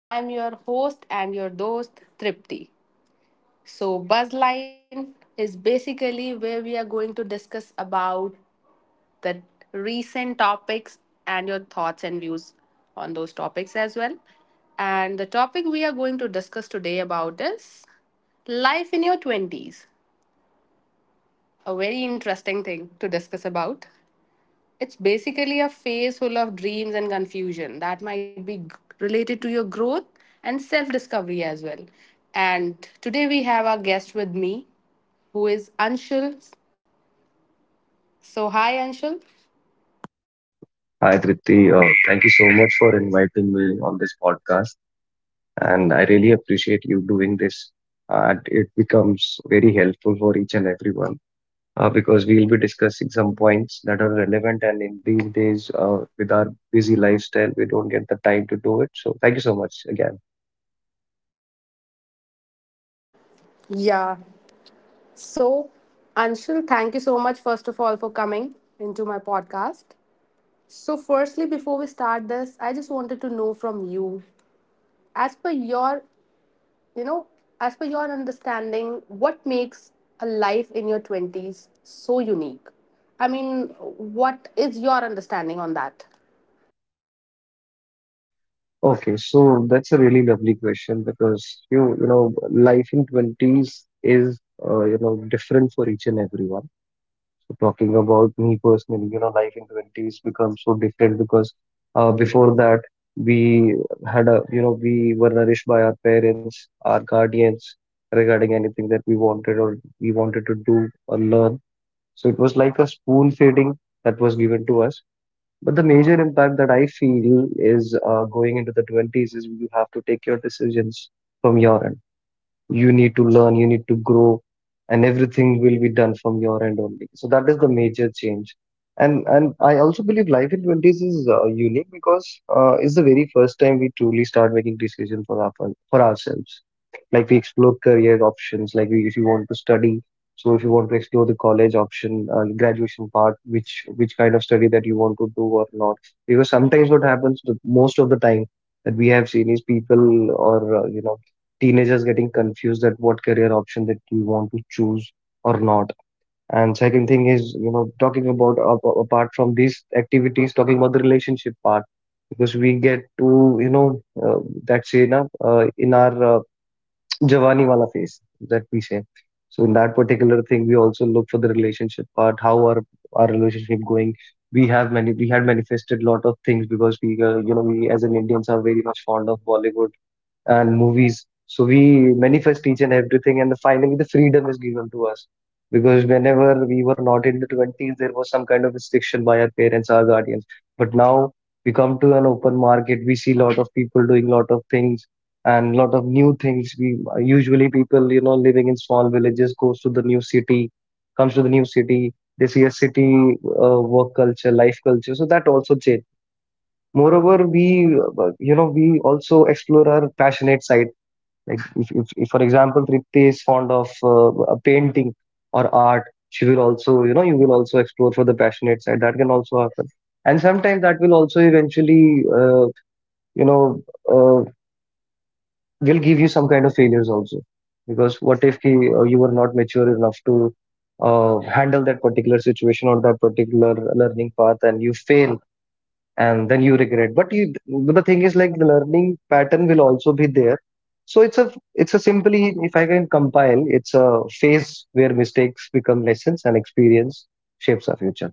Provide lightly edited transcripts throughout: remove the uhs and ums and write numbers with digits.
I am your host and your dost, Tripti. So, Buzzline is basically where we are going to discuss about the recent topics and your thoughts and views on those topics as well. And the topic we are going to discuss today about is life in your 20s. A very interesting thing to discuss about. It's basically a phase full of dreams and confusion that might be related to your growth and self discovery as well. And today we have our guest with me, who is Anshul. So, hi, Anshul. Hi, Tripti. Thank you so much for inviting me on this podcast, and I really appreciate you doing this. And it becomes very helpful for each and everyone because we'll be discussing some points that are relevant. And in these days, with our busy lifestyle, we don't get the time to do it. So thank you so much again. Yeah. So, Anshul, thank you so much, first of all, for coming into my podcast. So, firstly, before we start this, I just wanted to know from you, as per your you know, as per your understanding, what makes a life in your 20s so unique? I mean, what is your understanding on that? Okay, so that's a really lovely question because you you know life in twenties is different for each and everyone. So talking about me personally, life in twenties becomes so different because before that we had a, you know, we were nourished by our parents, our guardians regarding anything that we wanted or we wanted to do or learn. So it was like a spoon feeding that was given to us. But the major impact that I feel is going into the 20s is you have to take your decisions from your end. You need to learn, you need to grow, and everything will be done from your end only. So that is the major change. And I also believe life in 20s is unique because it's the very first time we truly start making decisions for ourselves. Like we explore career options, if you want to study, so if you want to explore the college option, graduation part, which kind of study that you want to do or not. Because sometimes what happens, most of the time that we have seen, is people or teenagers getting confused at what career option that we want to choose or not. And second thing is, talking about apart from these activities, talking about the relationship part, because we get to that say na, in our jawani wala phase that we say. So in that particular thing we also look for the relationship part, how are our relationship going. We have many We had manifested lot of things because we you know we as an indians are very much fond of Bollywood and movies. So we manifest each and everything, and finally the freedom is given to us. Because whenever we were not in the 20s, there was some kind of restriction by our parents, our guardians. But now we come to an open market, we see lot of people doing lot of things and lot of new things. We usually people, you know, living in small villages, goes to the new city, comes to the new city. They see a city work culture, life culture. So that also changed. Moreover, we we also explore our passionate side. Like, if for example Tripti is fond of a painting or art, she will also you know you will also explore for the passionate side. That can also happen. And sometimes that will also eventually you know uh, will give you some kind of failures also, because what if you were not mature enough to handle that particular situation or that particular learning path and you fail, and then you regret. But you but the thing is, like, the learning pattern will also be there. So it's a simply if I can compile, it's a phase where mistakes become lessons and experience shapes our future.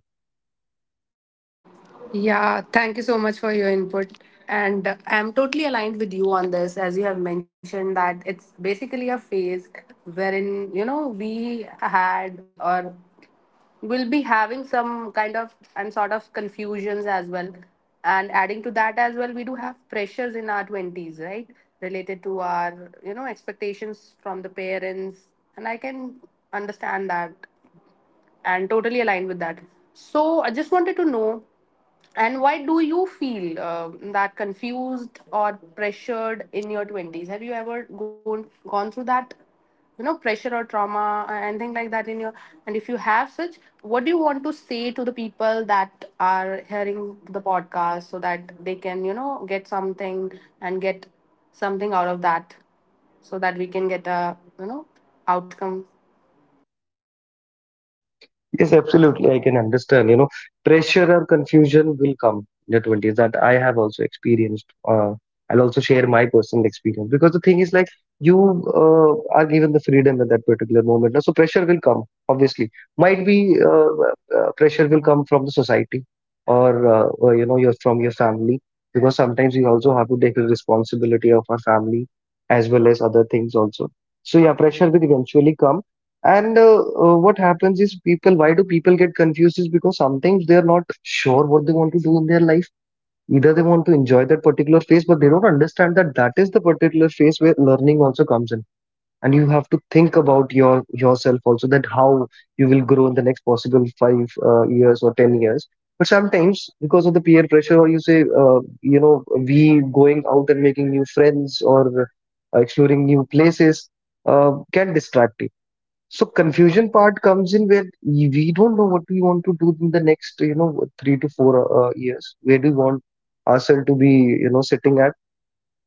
Yeah, thank you so much for your input. And I'm totally aligned with you on this, as you have mentioned that it's basically a phase wherein, you know, we had or we'll be having some kind of and sort of confusions as well. And adding to that as well, we do have pressures in our 20s, right? Related to our, you know, expectations from the parents. And I can understand that and totally aligned with that. So I just wanted to know, and why do you feel that confused or pressured in your twenties? Have you ever gone through that, pressure or trauma, anything like that in your? And if you have such, what do you want to say to the people that are hearing the podcast so that they can, get something and get something out of that, so that we can get a, outcome. Yes, absolutely. I can understand. Pressure or confusion will come in the 20s that I have also experienced. I'll also share my personal experience, because the thing is, like, you are given the freedom at that particular moment. So pressure will come, obviously. Might be pressure will come from the society or, you know, your from your family, because sometimes we also have to take the responsibility of our family as well as other things also. So yeah, pressure will eventually come. And what happens is, why do people get confused, is because sometimes they are not sure what they want to do in their life. Either they want to enjoy that particular phase, but they don't understand that that is the particular phase where learning also comes in. And you have to think about yourself also, that how you will grow in the next possible five years or 10 years. But sometimes because of the peer pressure, or you say, we going out and making new friends, or exploring new places can distract you. So confusion part comes in where we don't know what we want to do in the next, three to four years. Where do we want ourselves to be, sitting at?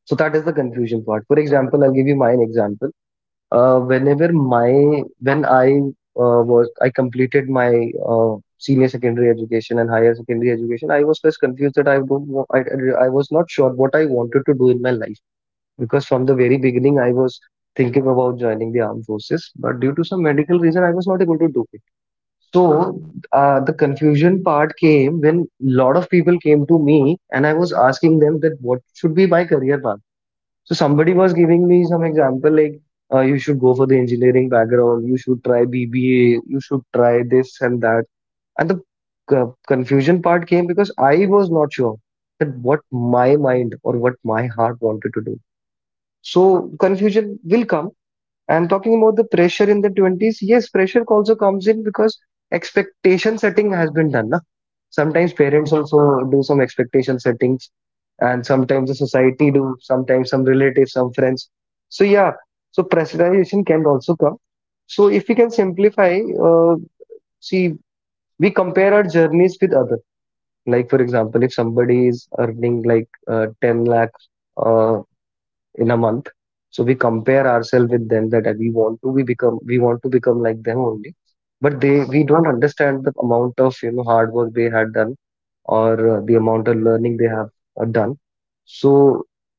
So that is the confusion part. For example, I'll give you my example. When I completed my senior secondary education and higher secondary education, I was just confused that I don't know, I was not sure what I wanted to do in my life, because from the very beginning I was thinking about joining the armed forces, but due to some medical reason, I was not able to do it. So the confusion part came when lot of people came to me and I was asking them that what should be my career path. So somebody was giving me some example, like, you should go for the engineering background, you should try BBA, you should try this and that. And the confusion part came because I was not sure that what my mind or what my heart wanted to do. So confusion will come. And talking about the pressure in the 20s, yes, pressure also comes in, because expectation setting has been done. Na? Sometimes parents also do some expectation settings, and sometimes the society do, sometimes some relatives, some friends. So yeah, so pressurization can also come. So if we can simplify, see, we compare our journeys with other. Like for example, if somebody is earning like 10 lakh in a month, so we compare ourselves with them, that we want to become like them only, but they we don't understand the amount of hard work they had done, or the amount of learning they have done. So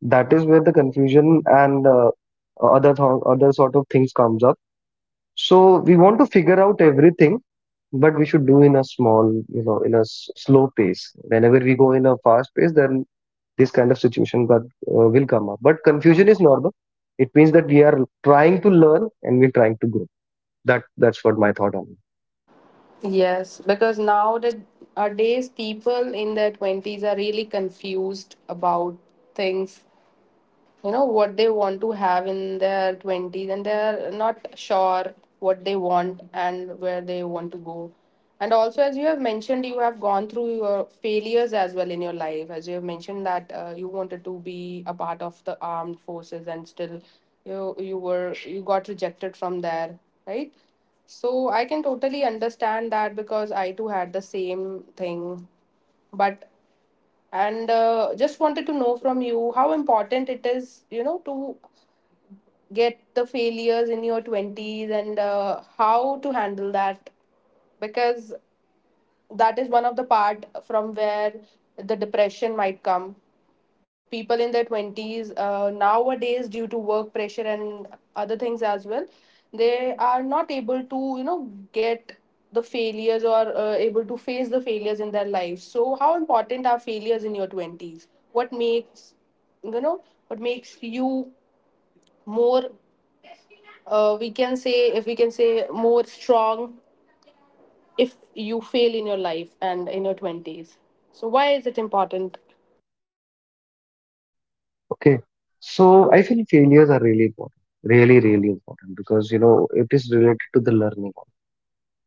that is where the confusion and other other sort of things comes up. So we want to figure out everything, but we should do in a small, in a slow pace. Whenever we go in a fast pace, then this kind of situation that will come up. But confusion is normal. It means that we are trying to learn and we're trying to grow. That that's what my thought on it. Yes, because nowadays people in their 20s are really confused about things, what they want to have in their 20s, and they're not sure what they want and where they want to go. And also, as you have mentioned, you have gone through your failures as well in your life, as you have mentioned that you wanted to be a part of the armed forces, and still you got rejected from there, right? So I can totally understand that because I too had the same thing. But and just wanted to know from you how important it is, to get the failures in your 20s, and how to handle that, because that is one of the part from where the depression might come. People in their 20s, nowadays due to work pressure and other things as well, they are not able to, get the failures or able to face the failures in their lives. So how important are failures in your 20s? What makes, you know what makes you more, we can say, if we can say more strong, if you fail in your life and in your 20s? So why is it important? Okay, so I feel failures are really important, really really important, because you know it is related to the learning.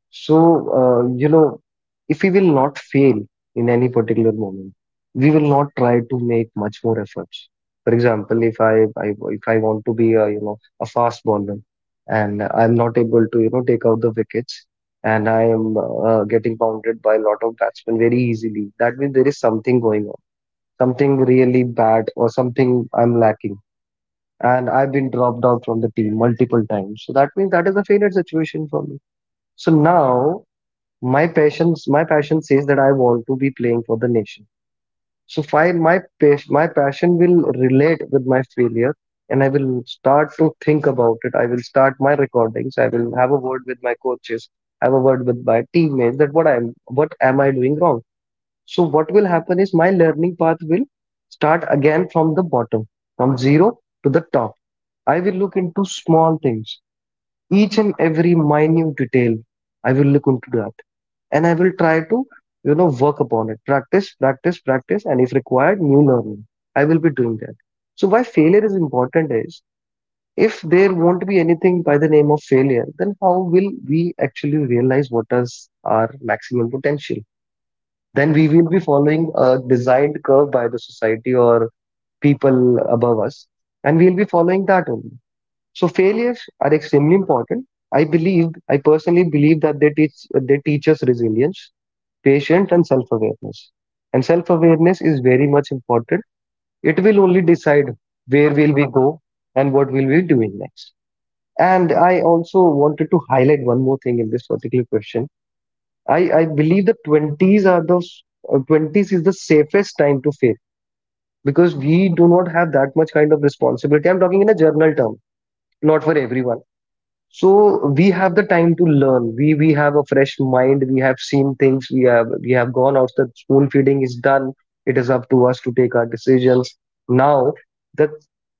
So, uh, you know, if we will not fail in any particular moment, we will not try to make much more efforts. For example, if I want to be, a you know a fast bowler, and I'm not able to take out the wickets, and I am getting pounded by a lot of batsmen very easily, that means there is something going on, something really bad or something I'm lacking, and I've been dropped out from the team multiple times. So that means that is a failure situation for me. So now my passion says that I want to be playing for the nation. So my passion will relate with my failure, and I will start to think about it. I will start my recordings, I will have a word with my coaches, have a word with my teammates, that what am I doing wrong. So what will happen is, my learning path will start again from the bottom, from zero to the top. I will look into small things, each and every minute detail I will look into that, and I will try to, work upon it. Practice, practice, practice, and if required, new learning, I will be doing that. So why failure is important is, if there won't be anything by the name of failure, then how will we actually realize what is our maximum potential? Then we will be following a designed curve by the society or people above us, and we'll be following that only. So failures are extremely important. I personally believe that they teach us resilience, patient and self-awareness. And self-awareness is very much important. It will only decide where will we go and what will we doing next. And I also wanted to highlight one more thing in this particular question. I believe the 20s are those. 20s is the safest time to fail because we do not have that much kind of responsibility. I'm talking in a general term, not for everyone. So we have the time to learn. We have a fresh mind, we have seen things, we have gone out, the spoon feeding is done. It is up to us to take our decisions now. the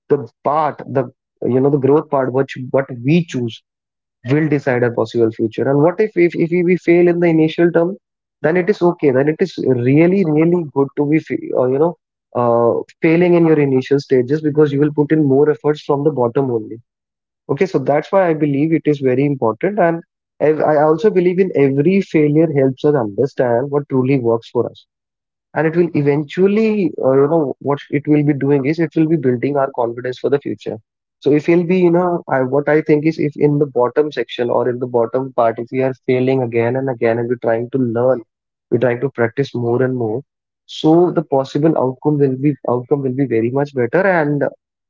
the part the you know the growth part, which what we choose, will decide our possible future. And what if if we fail in the initial term, then it is okay. Then it is really really good to be uh, failing in your initial stages, because you will put in more efforts from the bottom only. Okay, so that's why I believe it is very important. And I also believe in every failure helps us understand what truly works for us, and it will eventually, what it will be doing is it will be building our confidence for the future. So if we'll be, you know, what I think is, if in the bottom section or in the bottom part, if we are failing again and again and we're trying to learn, we're trying to practice more and more, so the possible outcome will be very much better, and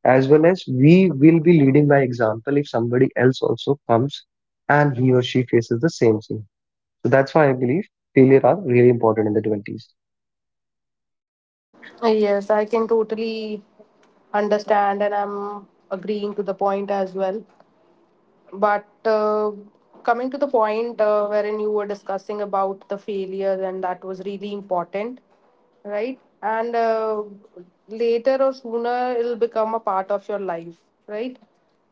as well as we will be leading by example. If somebody else also comes and he or she faces the same thing, so that's why I believe failure are really important in the 20s. Yes, I can totally understand, and I'm agreeing to the point as well. But Coming to the point wherein you were discussing about the failure, and that was really important, right? And later or sooner, it'll become a part of your life, right?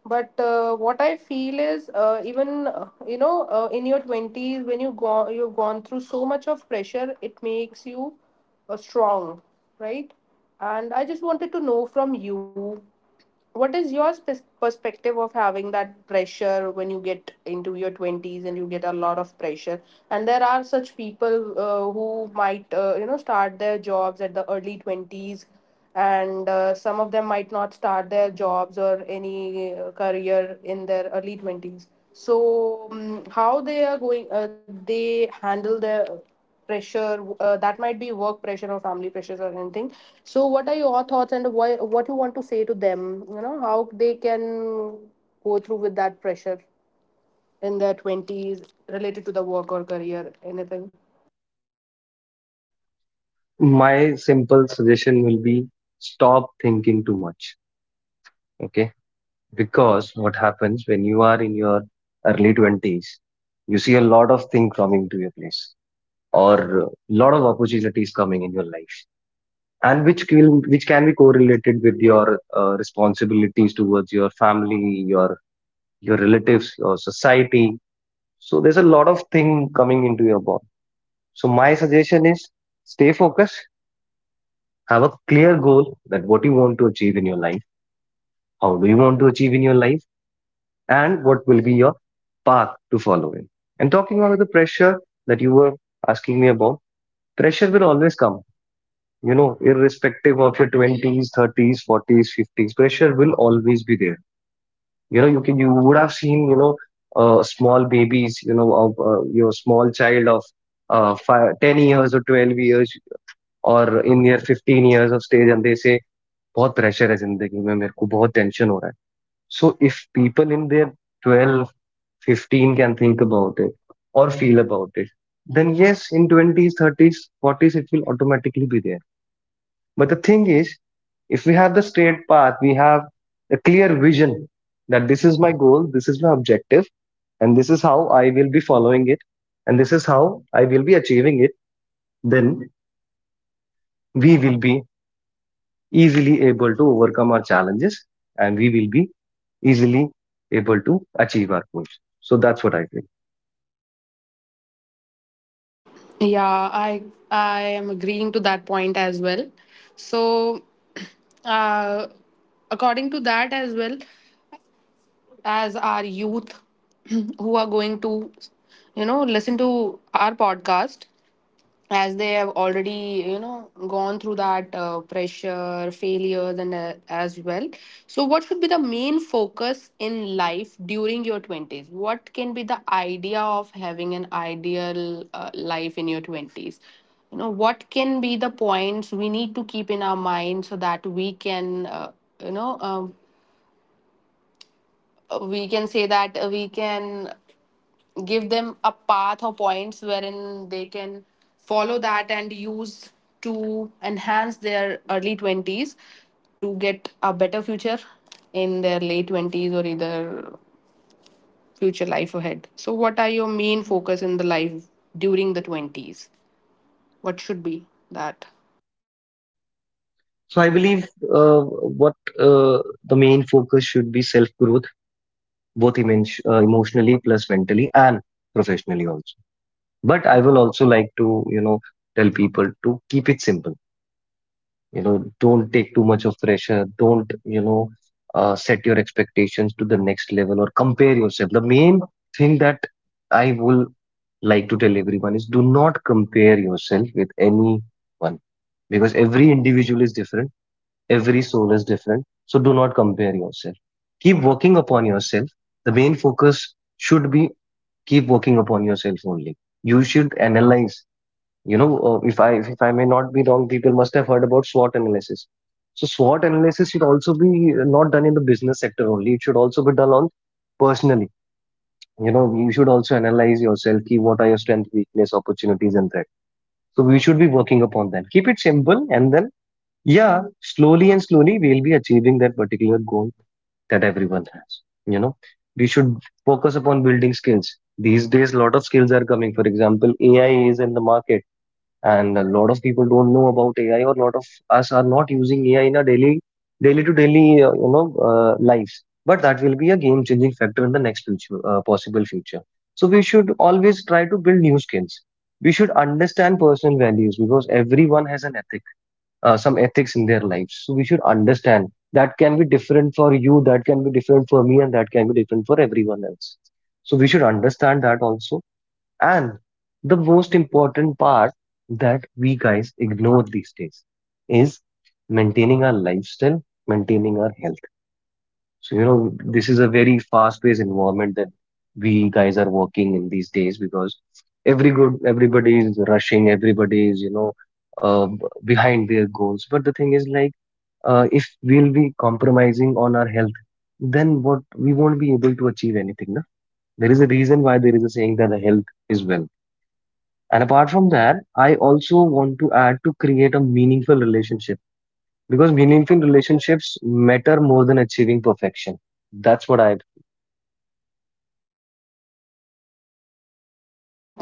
But What I feel is, even in your twenties, when you go, you've gone through so much of pressure, it makes you strong, right? And I just wanted to know from you what is your perspective of having that pressure when you get into your 20s and you get a lot of pressure? And there are such people, who might, start their jobs at the early 20s, and some of them might not start their jobs or any career in their early 20s. So, how they are going, they handle their pressure, that might be work pressure or family pressures or anything. So what are your thoughts, and why, what you want to say to them, how they can go through with that pressure in their 20s related to the work or career, anything? My simple suggestion will be stop thinking too much. Okay, because what happens when you are in your early 20s, you see a lot of things coming to your place, or a lot of opportunities coming in your life, and which can be correlated with your responsibilities towards your family, your relatives or society. So there's a lot of thing coming into your body. So my suggestion is stay focused. Have a clear goal that what you want to achieve in your life, how do you want to achieve in your life, and what will be your path to follow in. And talking about the pressure that you were asking me about, pressure will always come, you know, irrespective of your 20s, 30s, 40s, 50s, pressure will always be there. You know, you can, you would have seen, you know, small babies, you know, of your small child of five, 10 years or 12 years or in their 15 years of stage, and they say, बहुत pressure है जिंदगी में मेरे को बहुत tension हो रहा है. So if people in their 12, 15 can think about it or feel about it, then yes, in 20s, 30s, 40s, it will automatically be there. But the thing is, if we have the straight path, we have a clear vision that this is my goal, this is my objective, and this is how I will be following it, and this is how I will be achieving it, then we will be easily able to overcome our challenges, and we will be easily able to achieve our goals. So that's what I think. Yeah, I am agreeing to that point as well. So, uh, according to that, as well, as our youth, who are going to, listen to our podcast, as they have already, gone through that, pressure, failures, and as well. So what should be the main focus in life during your 20s? What can be the idea of having an ideal life in your 20s? You know, what can be the points we need to keep in our mind so that we can you know we can say that we can give them a path or points wherein they can follow that and use to enhance their early 20s to get a better future in their late 20s, or either future life ahead. So what are your main focus in the life during the 20s? What should be that? So I believe what the main focus should be self growth, both emotionally plus mentally and professionally also. But I will also like to, you know, tell people to keep it simple. You know, don't take too much of pressure. Don't, you know, set your expectations to the next level or compare yourself. The main thing that I will like to tell everyone is, do not compare yourself with anyone, because every individual is different. Every soul is different, so do not compare yourself. Keep working upon yourself. The main focus should be keep working upon yourself only. You should analyze. You know, if I may not be wrong, people must have heard about SWOT analysis. So SWOT analysis should also be not done in the business sector only. It should also be done on personally. You know, you should also analyze yourself. Key, what are your strengths, weakness, opportunities, and threats. So we should be working upon that. Keep it simple, and then yeah, slowly and slowly we'll be achieving that particular goal that everyone has. You know, we should focus upon building skills. These days, a lot of skills are coming. For example, AI is in the market, and a lot of people don't know about AI, or a lot of us are not using AI in our daily, daily to daily, lives. But that will be a game-changing factor in the next future, possible future. So we should always try to build new skills. We should understand personal values, because everyone has an ethic, some ethics in their lives. So we should understand that can be different for you, that can be different for me, and that can be different for everyone else. So we should understand that also. And the most important part that we guys ignore these days is maintaining our lifestyle, maintaining our health. So, you know, this is a very fast-paced environment that we guys are working in these days, because everybody is rushing, everybody is, you know, behind their goals. But the thing is, like, if we'll be compromising on our health, then what we won't be able to achieve anything. No? There is a reason why there is a saying that the health is wealth. And apart from that, I also want to add to create a meaningful relationship, because meaningful relationships matter more than achieving perfection. That's what I.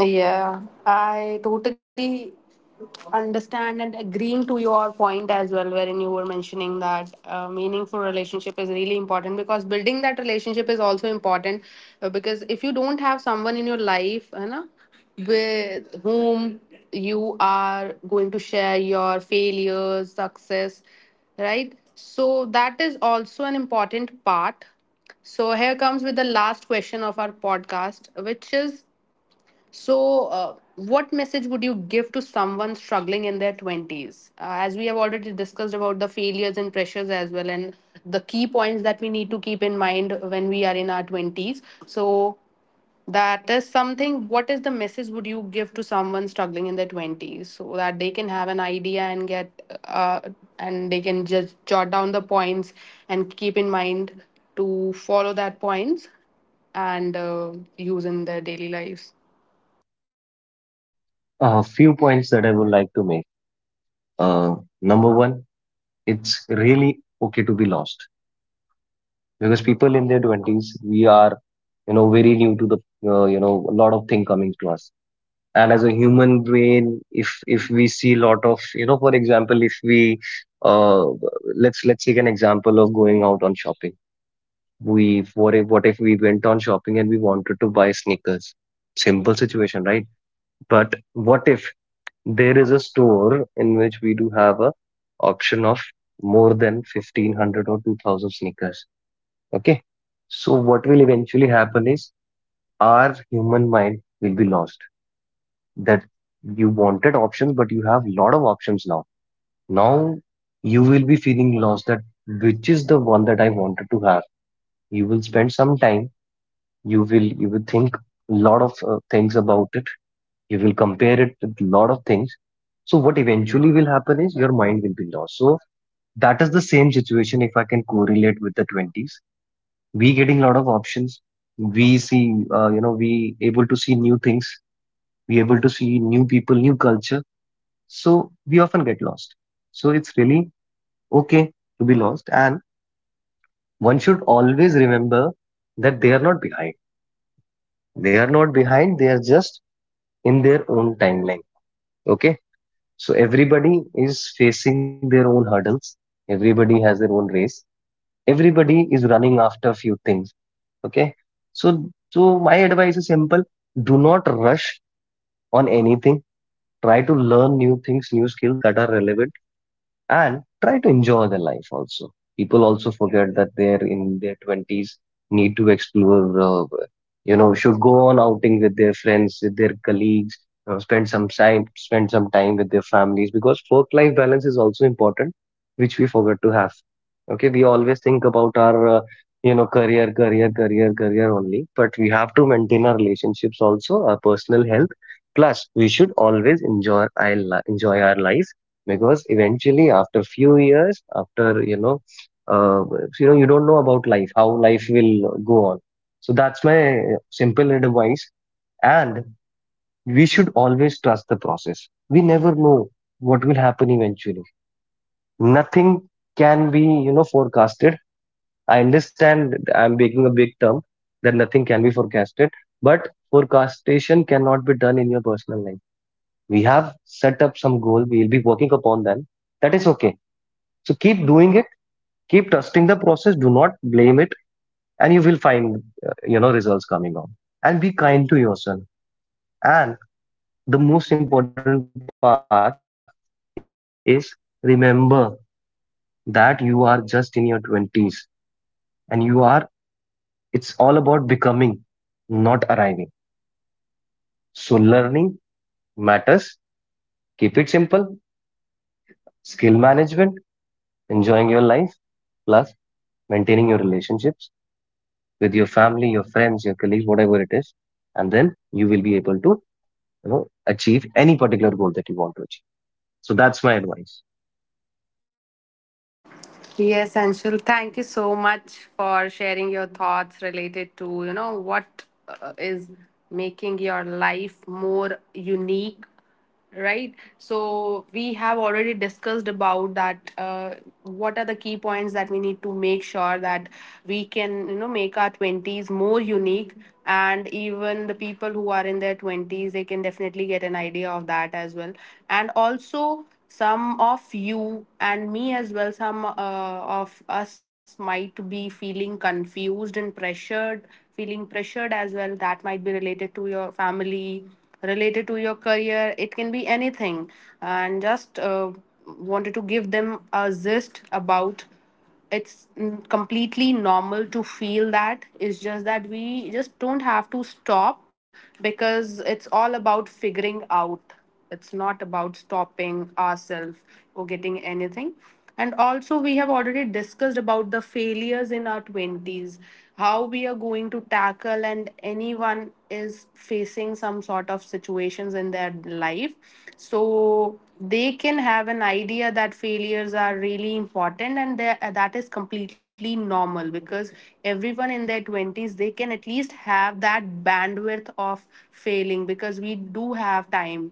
Yeah, I totally understand and agreeing to your point as well, wherein you were mentioning that meaningful relationship is really important because building that relationship is also important. Because if you don't have someone in your life, you know, with whom you are going to share your failures, success, right? So that is also an important part. So here comes with the last question of our podcast, which is, so, what message would you give to someone struggling in their 20s? As we have already discussed about the failures and pressures as well, and the key points that we need to keep in mind when we are in our 20s. So, that is something. What is the message would you give to someone struggling in their 20s so that they can have an idea and get, uh, and they can just jot down the points and keep in mind to follow that points and use in their daily lives? A few points that I would like to make. Uh, Number one, it's really okay to be lost, because people in their 20s, we are, you know, very new to the, a lot of thing coming to us. And as a human brain, if we see lot of, you know, for example, if we, uh, let's take an example of going out on shopping. We, what if we went on shopping and we wanted to buy sneakers? Simple situation, right? But what if there is a store in which we do have a option of more than 1500 or 2000 sneakers. Okay. So what will eventually happen is our human mind will be lost, that you wanted options, but you have lot of options now. Now you will be feeling lost, that which is the one that I wanted to have. You will spend some time. You will think lot of things about it, you will compare it with a lot of things. So what eventually will happen is your mind will be lost. So that is the same situation, if I can correlate with the 20s, we getting a lot of options, we see, we able to see new things, we able to see new people, new culture. So we often get lost. So it's really okay to be lost, and one should always remember that they are not behind. They are not behind they are just in their own timeline. Okay. So everybody is facing their own hurdles. Everybody has their own race. Everybody is running after a few things. Okay. So, so my advice is simple. Do not rush on anything. Try to learn new things, new skills that are relevant, and try to enjoy their life also. People also forget that they're in their 20s, need to explore, should go on outing with their friends, with their colleagues, you know, spend some time with their families, because work-life balance is also important, which we forget to have. Okay, we always think about our, career, career, career, career only, but we have to maintain our relationships also, our personal health. Plus, we should always enjoy our enjoy our life, because eventually after few years, after you know, you know, you don't know about life how life will go on. So that's my simple advice. And we should always trust the process. We never know what will happen eventually. Nothing can be, you know, forecasted. I understand that I'm making a big term, that nothing can be forecasted, but forecastation cannot be done in your personal life. We have set up some goal, we'll be working upon them. That is okay. So keep doing it, keep trusting the process, do not blame it, and you will find, you know, results coming on. And be kind to yourself. And the most important part is, remember that you are just in your 20s, and you are, it's all about becoming, not arriving. So learning matters. Keep it simple. Skill management, enjoying your life, plus maintaining your relationships with your family, your friends, your colleagues, whatever it is. And then you will be able to, you know, achieve any particular goal that you want to achieve. So that's my advice. Yes, Anshul, thank you so much for sharing your thoughts related to, what is making your life more unique, right? So we have already discussed about that, what are the key points that we need to make sure that we can, you know, make our 20s more unique, and even the people who are in their 20s, they can definitely get an idea of that as well. And also, some of you and me, as well, some of us might be feeling confused and pressured, feeling pressured as well, that might be related to your family, related to your career, it can be anything. And just wanted to give them a gist about, it's completely normal to feel that. It's just that we just don't have to stop, because it's all about figuring out, it's not about stopping ourselves or getting anything. And also, we have already discussed about the failures in our 20s, how we are going to tackle, and anyone is facing some sort of situations in their life, so they can have an idea that failures are really important, and that that is completely normal because everyone in their 20s, they can at least have that bandwidth of failing, because we do have time.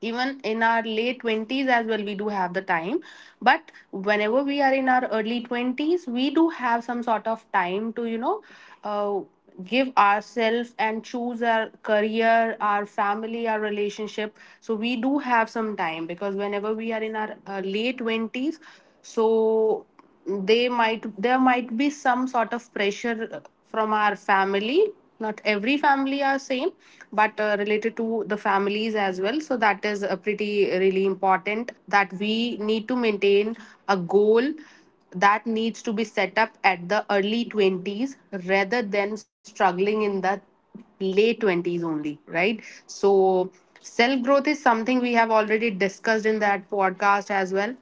Even in our late 20s as well, we do have the time. But whenever we are in our early 20s, we do have some sort of time to, you know, uh, give ourselves and choose our career, our family, our relationship. So we do have some time, because whenever we are in our late 20s, so they might, there might be some sort of pressure from our family. Not every family are same, but related to the families as well, so that is a pretty really important that we need to maintain a goal that needs to be set up at the early 20s, rather than struggling in the late 20s only, right? So self growth is something we have already discussed in that podcast as well.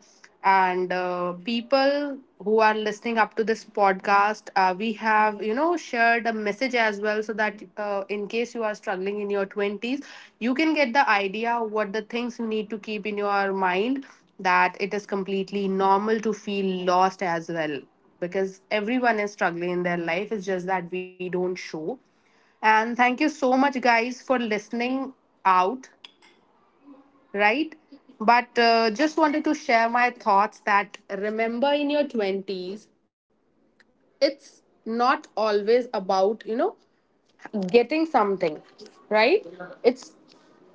And people who are listening up to this podcast, we have, shared a message as well, so that, in case you are struggling in your 20s, you can get the idea what the things you need to keep in your mind, that it is completely normal to feel lost as well, because everyone is struggling in their life, it's just that we don't show. And thank you so much, guys, for listening out, right? But Just wanted to share my thoughts that remember in your 20s, it's not always about, you know, getting something, right? It's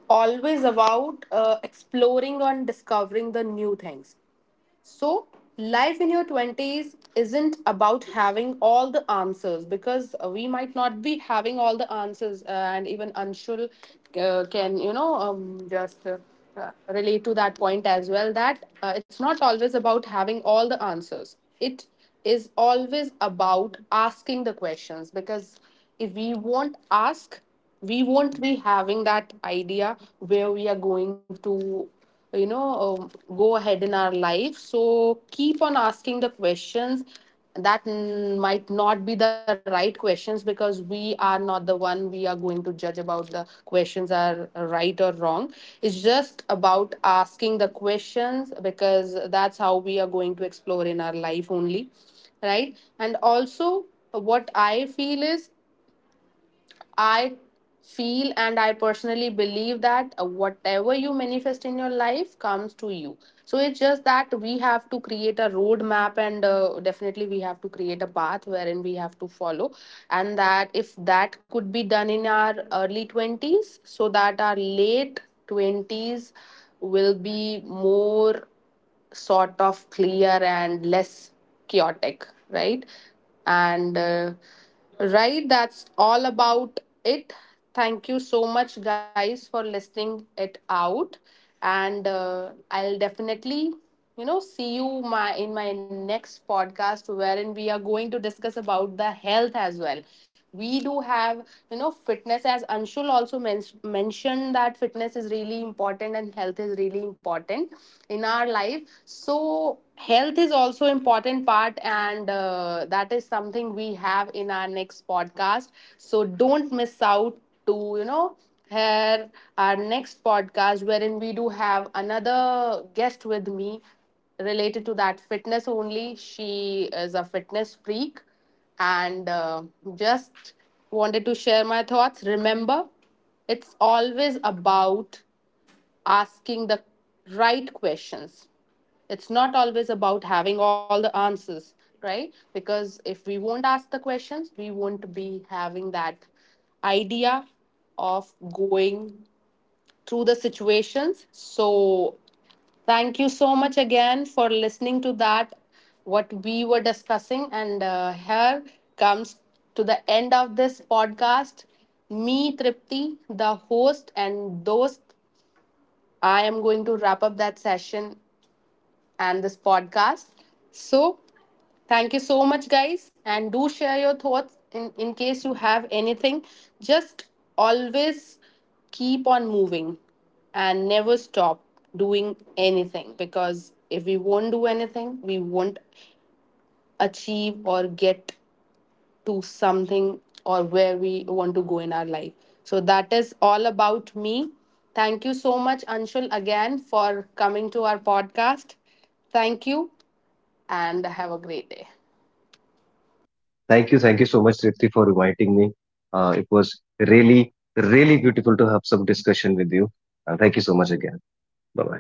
always about exploring and discovering the new things. So, life in your 20s isn't about having all the answers, because we might not be having all the answers, and even Anshul, can, you know, just relate to that point as well that it's not always about having all the answers. It is always about asking the questions, because if we won't ask, we won't be having that idea where we are going to, you know um, go ahead in our life. So keep on asking the questions, that, might not be the right questions, because we are not the one we are going to judge about the questions are right or wrong. It's just about asking the questions, because that's how we are going to explore in our life only, right? And also, what I feel is I feel and I personally believe that whatever you manifest in your life comes to you. So it's just that we have to create a roadmap, and definitely we have to create a path wherein we have to follow. And that, if that could be done in our early 20s, so that our late 20s will be more sort of clear and less chaotic, right? And right, that's all about it. Thank you so much, guys, for listening it out. And I'll definitely, you know, see you my in my next podcast wherein we are going to discuss about the health as well. We do have, you know, fitness, as Anshul also mentioned that fitness is really important and health is really important in our life. So health is also important part, and that is something we have in our next podcast. So don't miss out to, you know, hear our next podcast, wherein we do have another guest with me related to that fitness only. She is a fitness freak. And just wanted to share my thoughts. Remember, it's always about asking the right questions. It's not always about having all the answers, right? Because if we won't ask the questions, we won't be having that idea of going through the situations. So, thank you so much again for listening to that, what we were discussing. And here comes to the end of this podcast. Me, Tripti, the host, and those, I am going to wrap up that session and this podcast. So, thank you so much, guys. And do share your thoughts in case you have anything. Just always keep on moving and never stop doing anything, because if we won't do anything, we won't achieve or get to something, or where we want to go in our life. So, that is all about me. Thank you so much, Anshul, again for coming to our podcast. Thank you and have a great day. Thank you so much, Tripti, for inviting me. It was really really beautiful to have some discussion with you. Thank you so much again. Bye bye.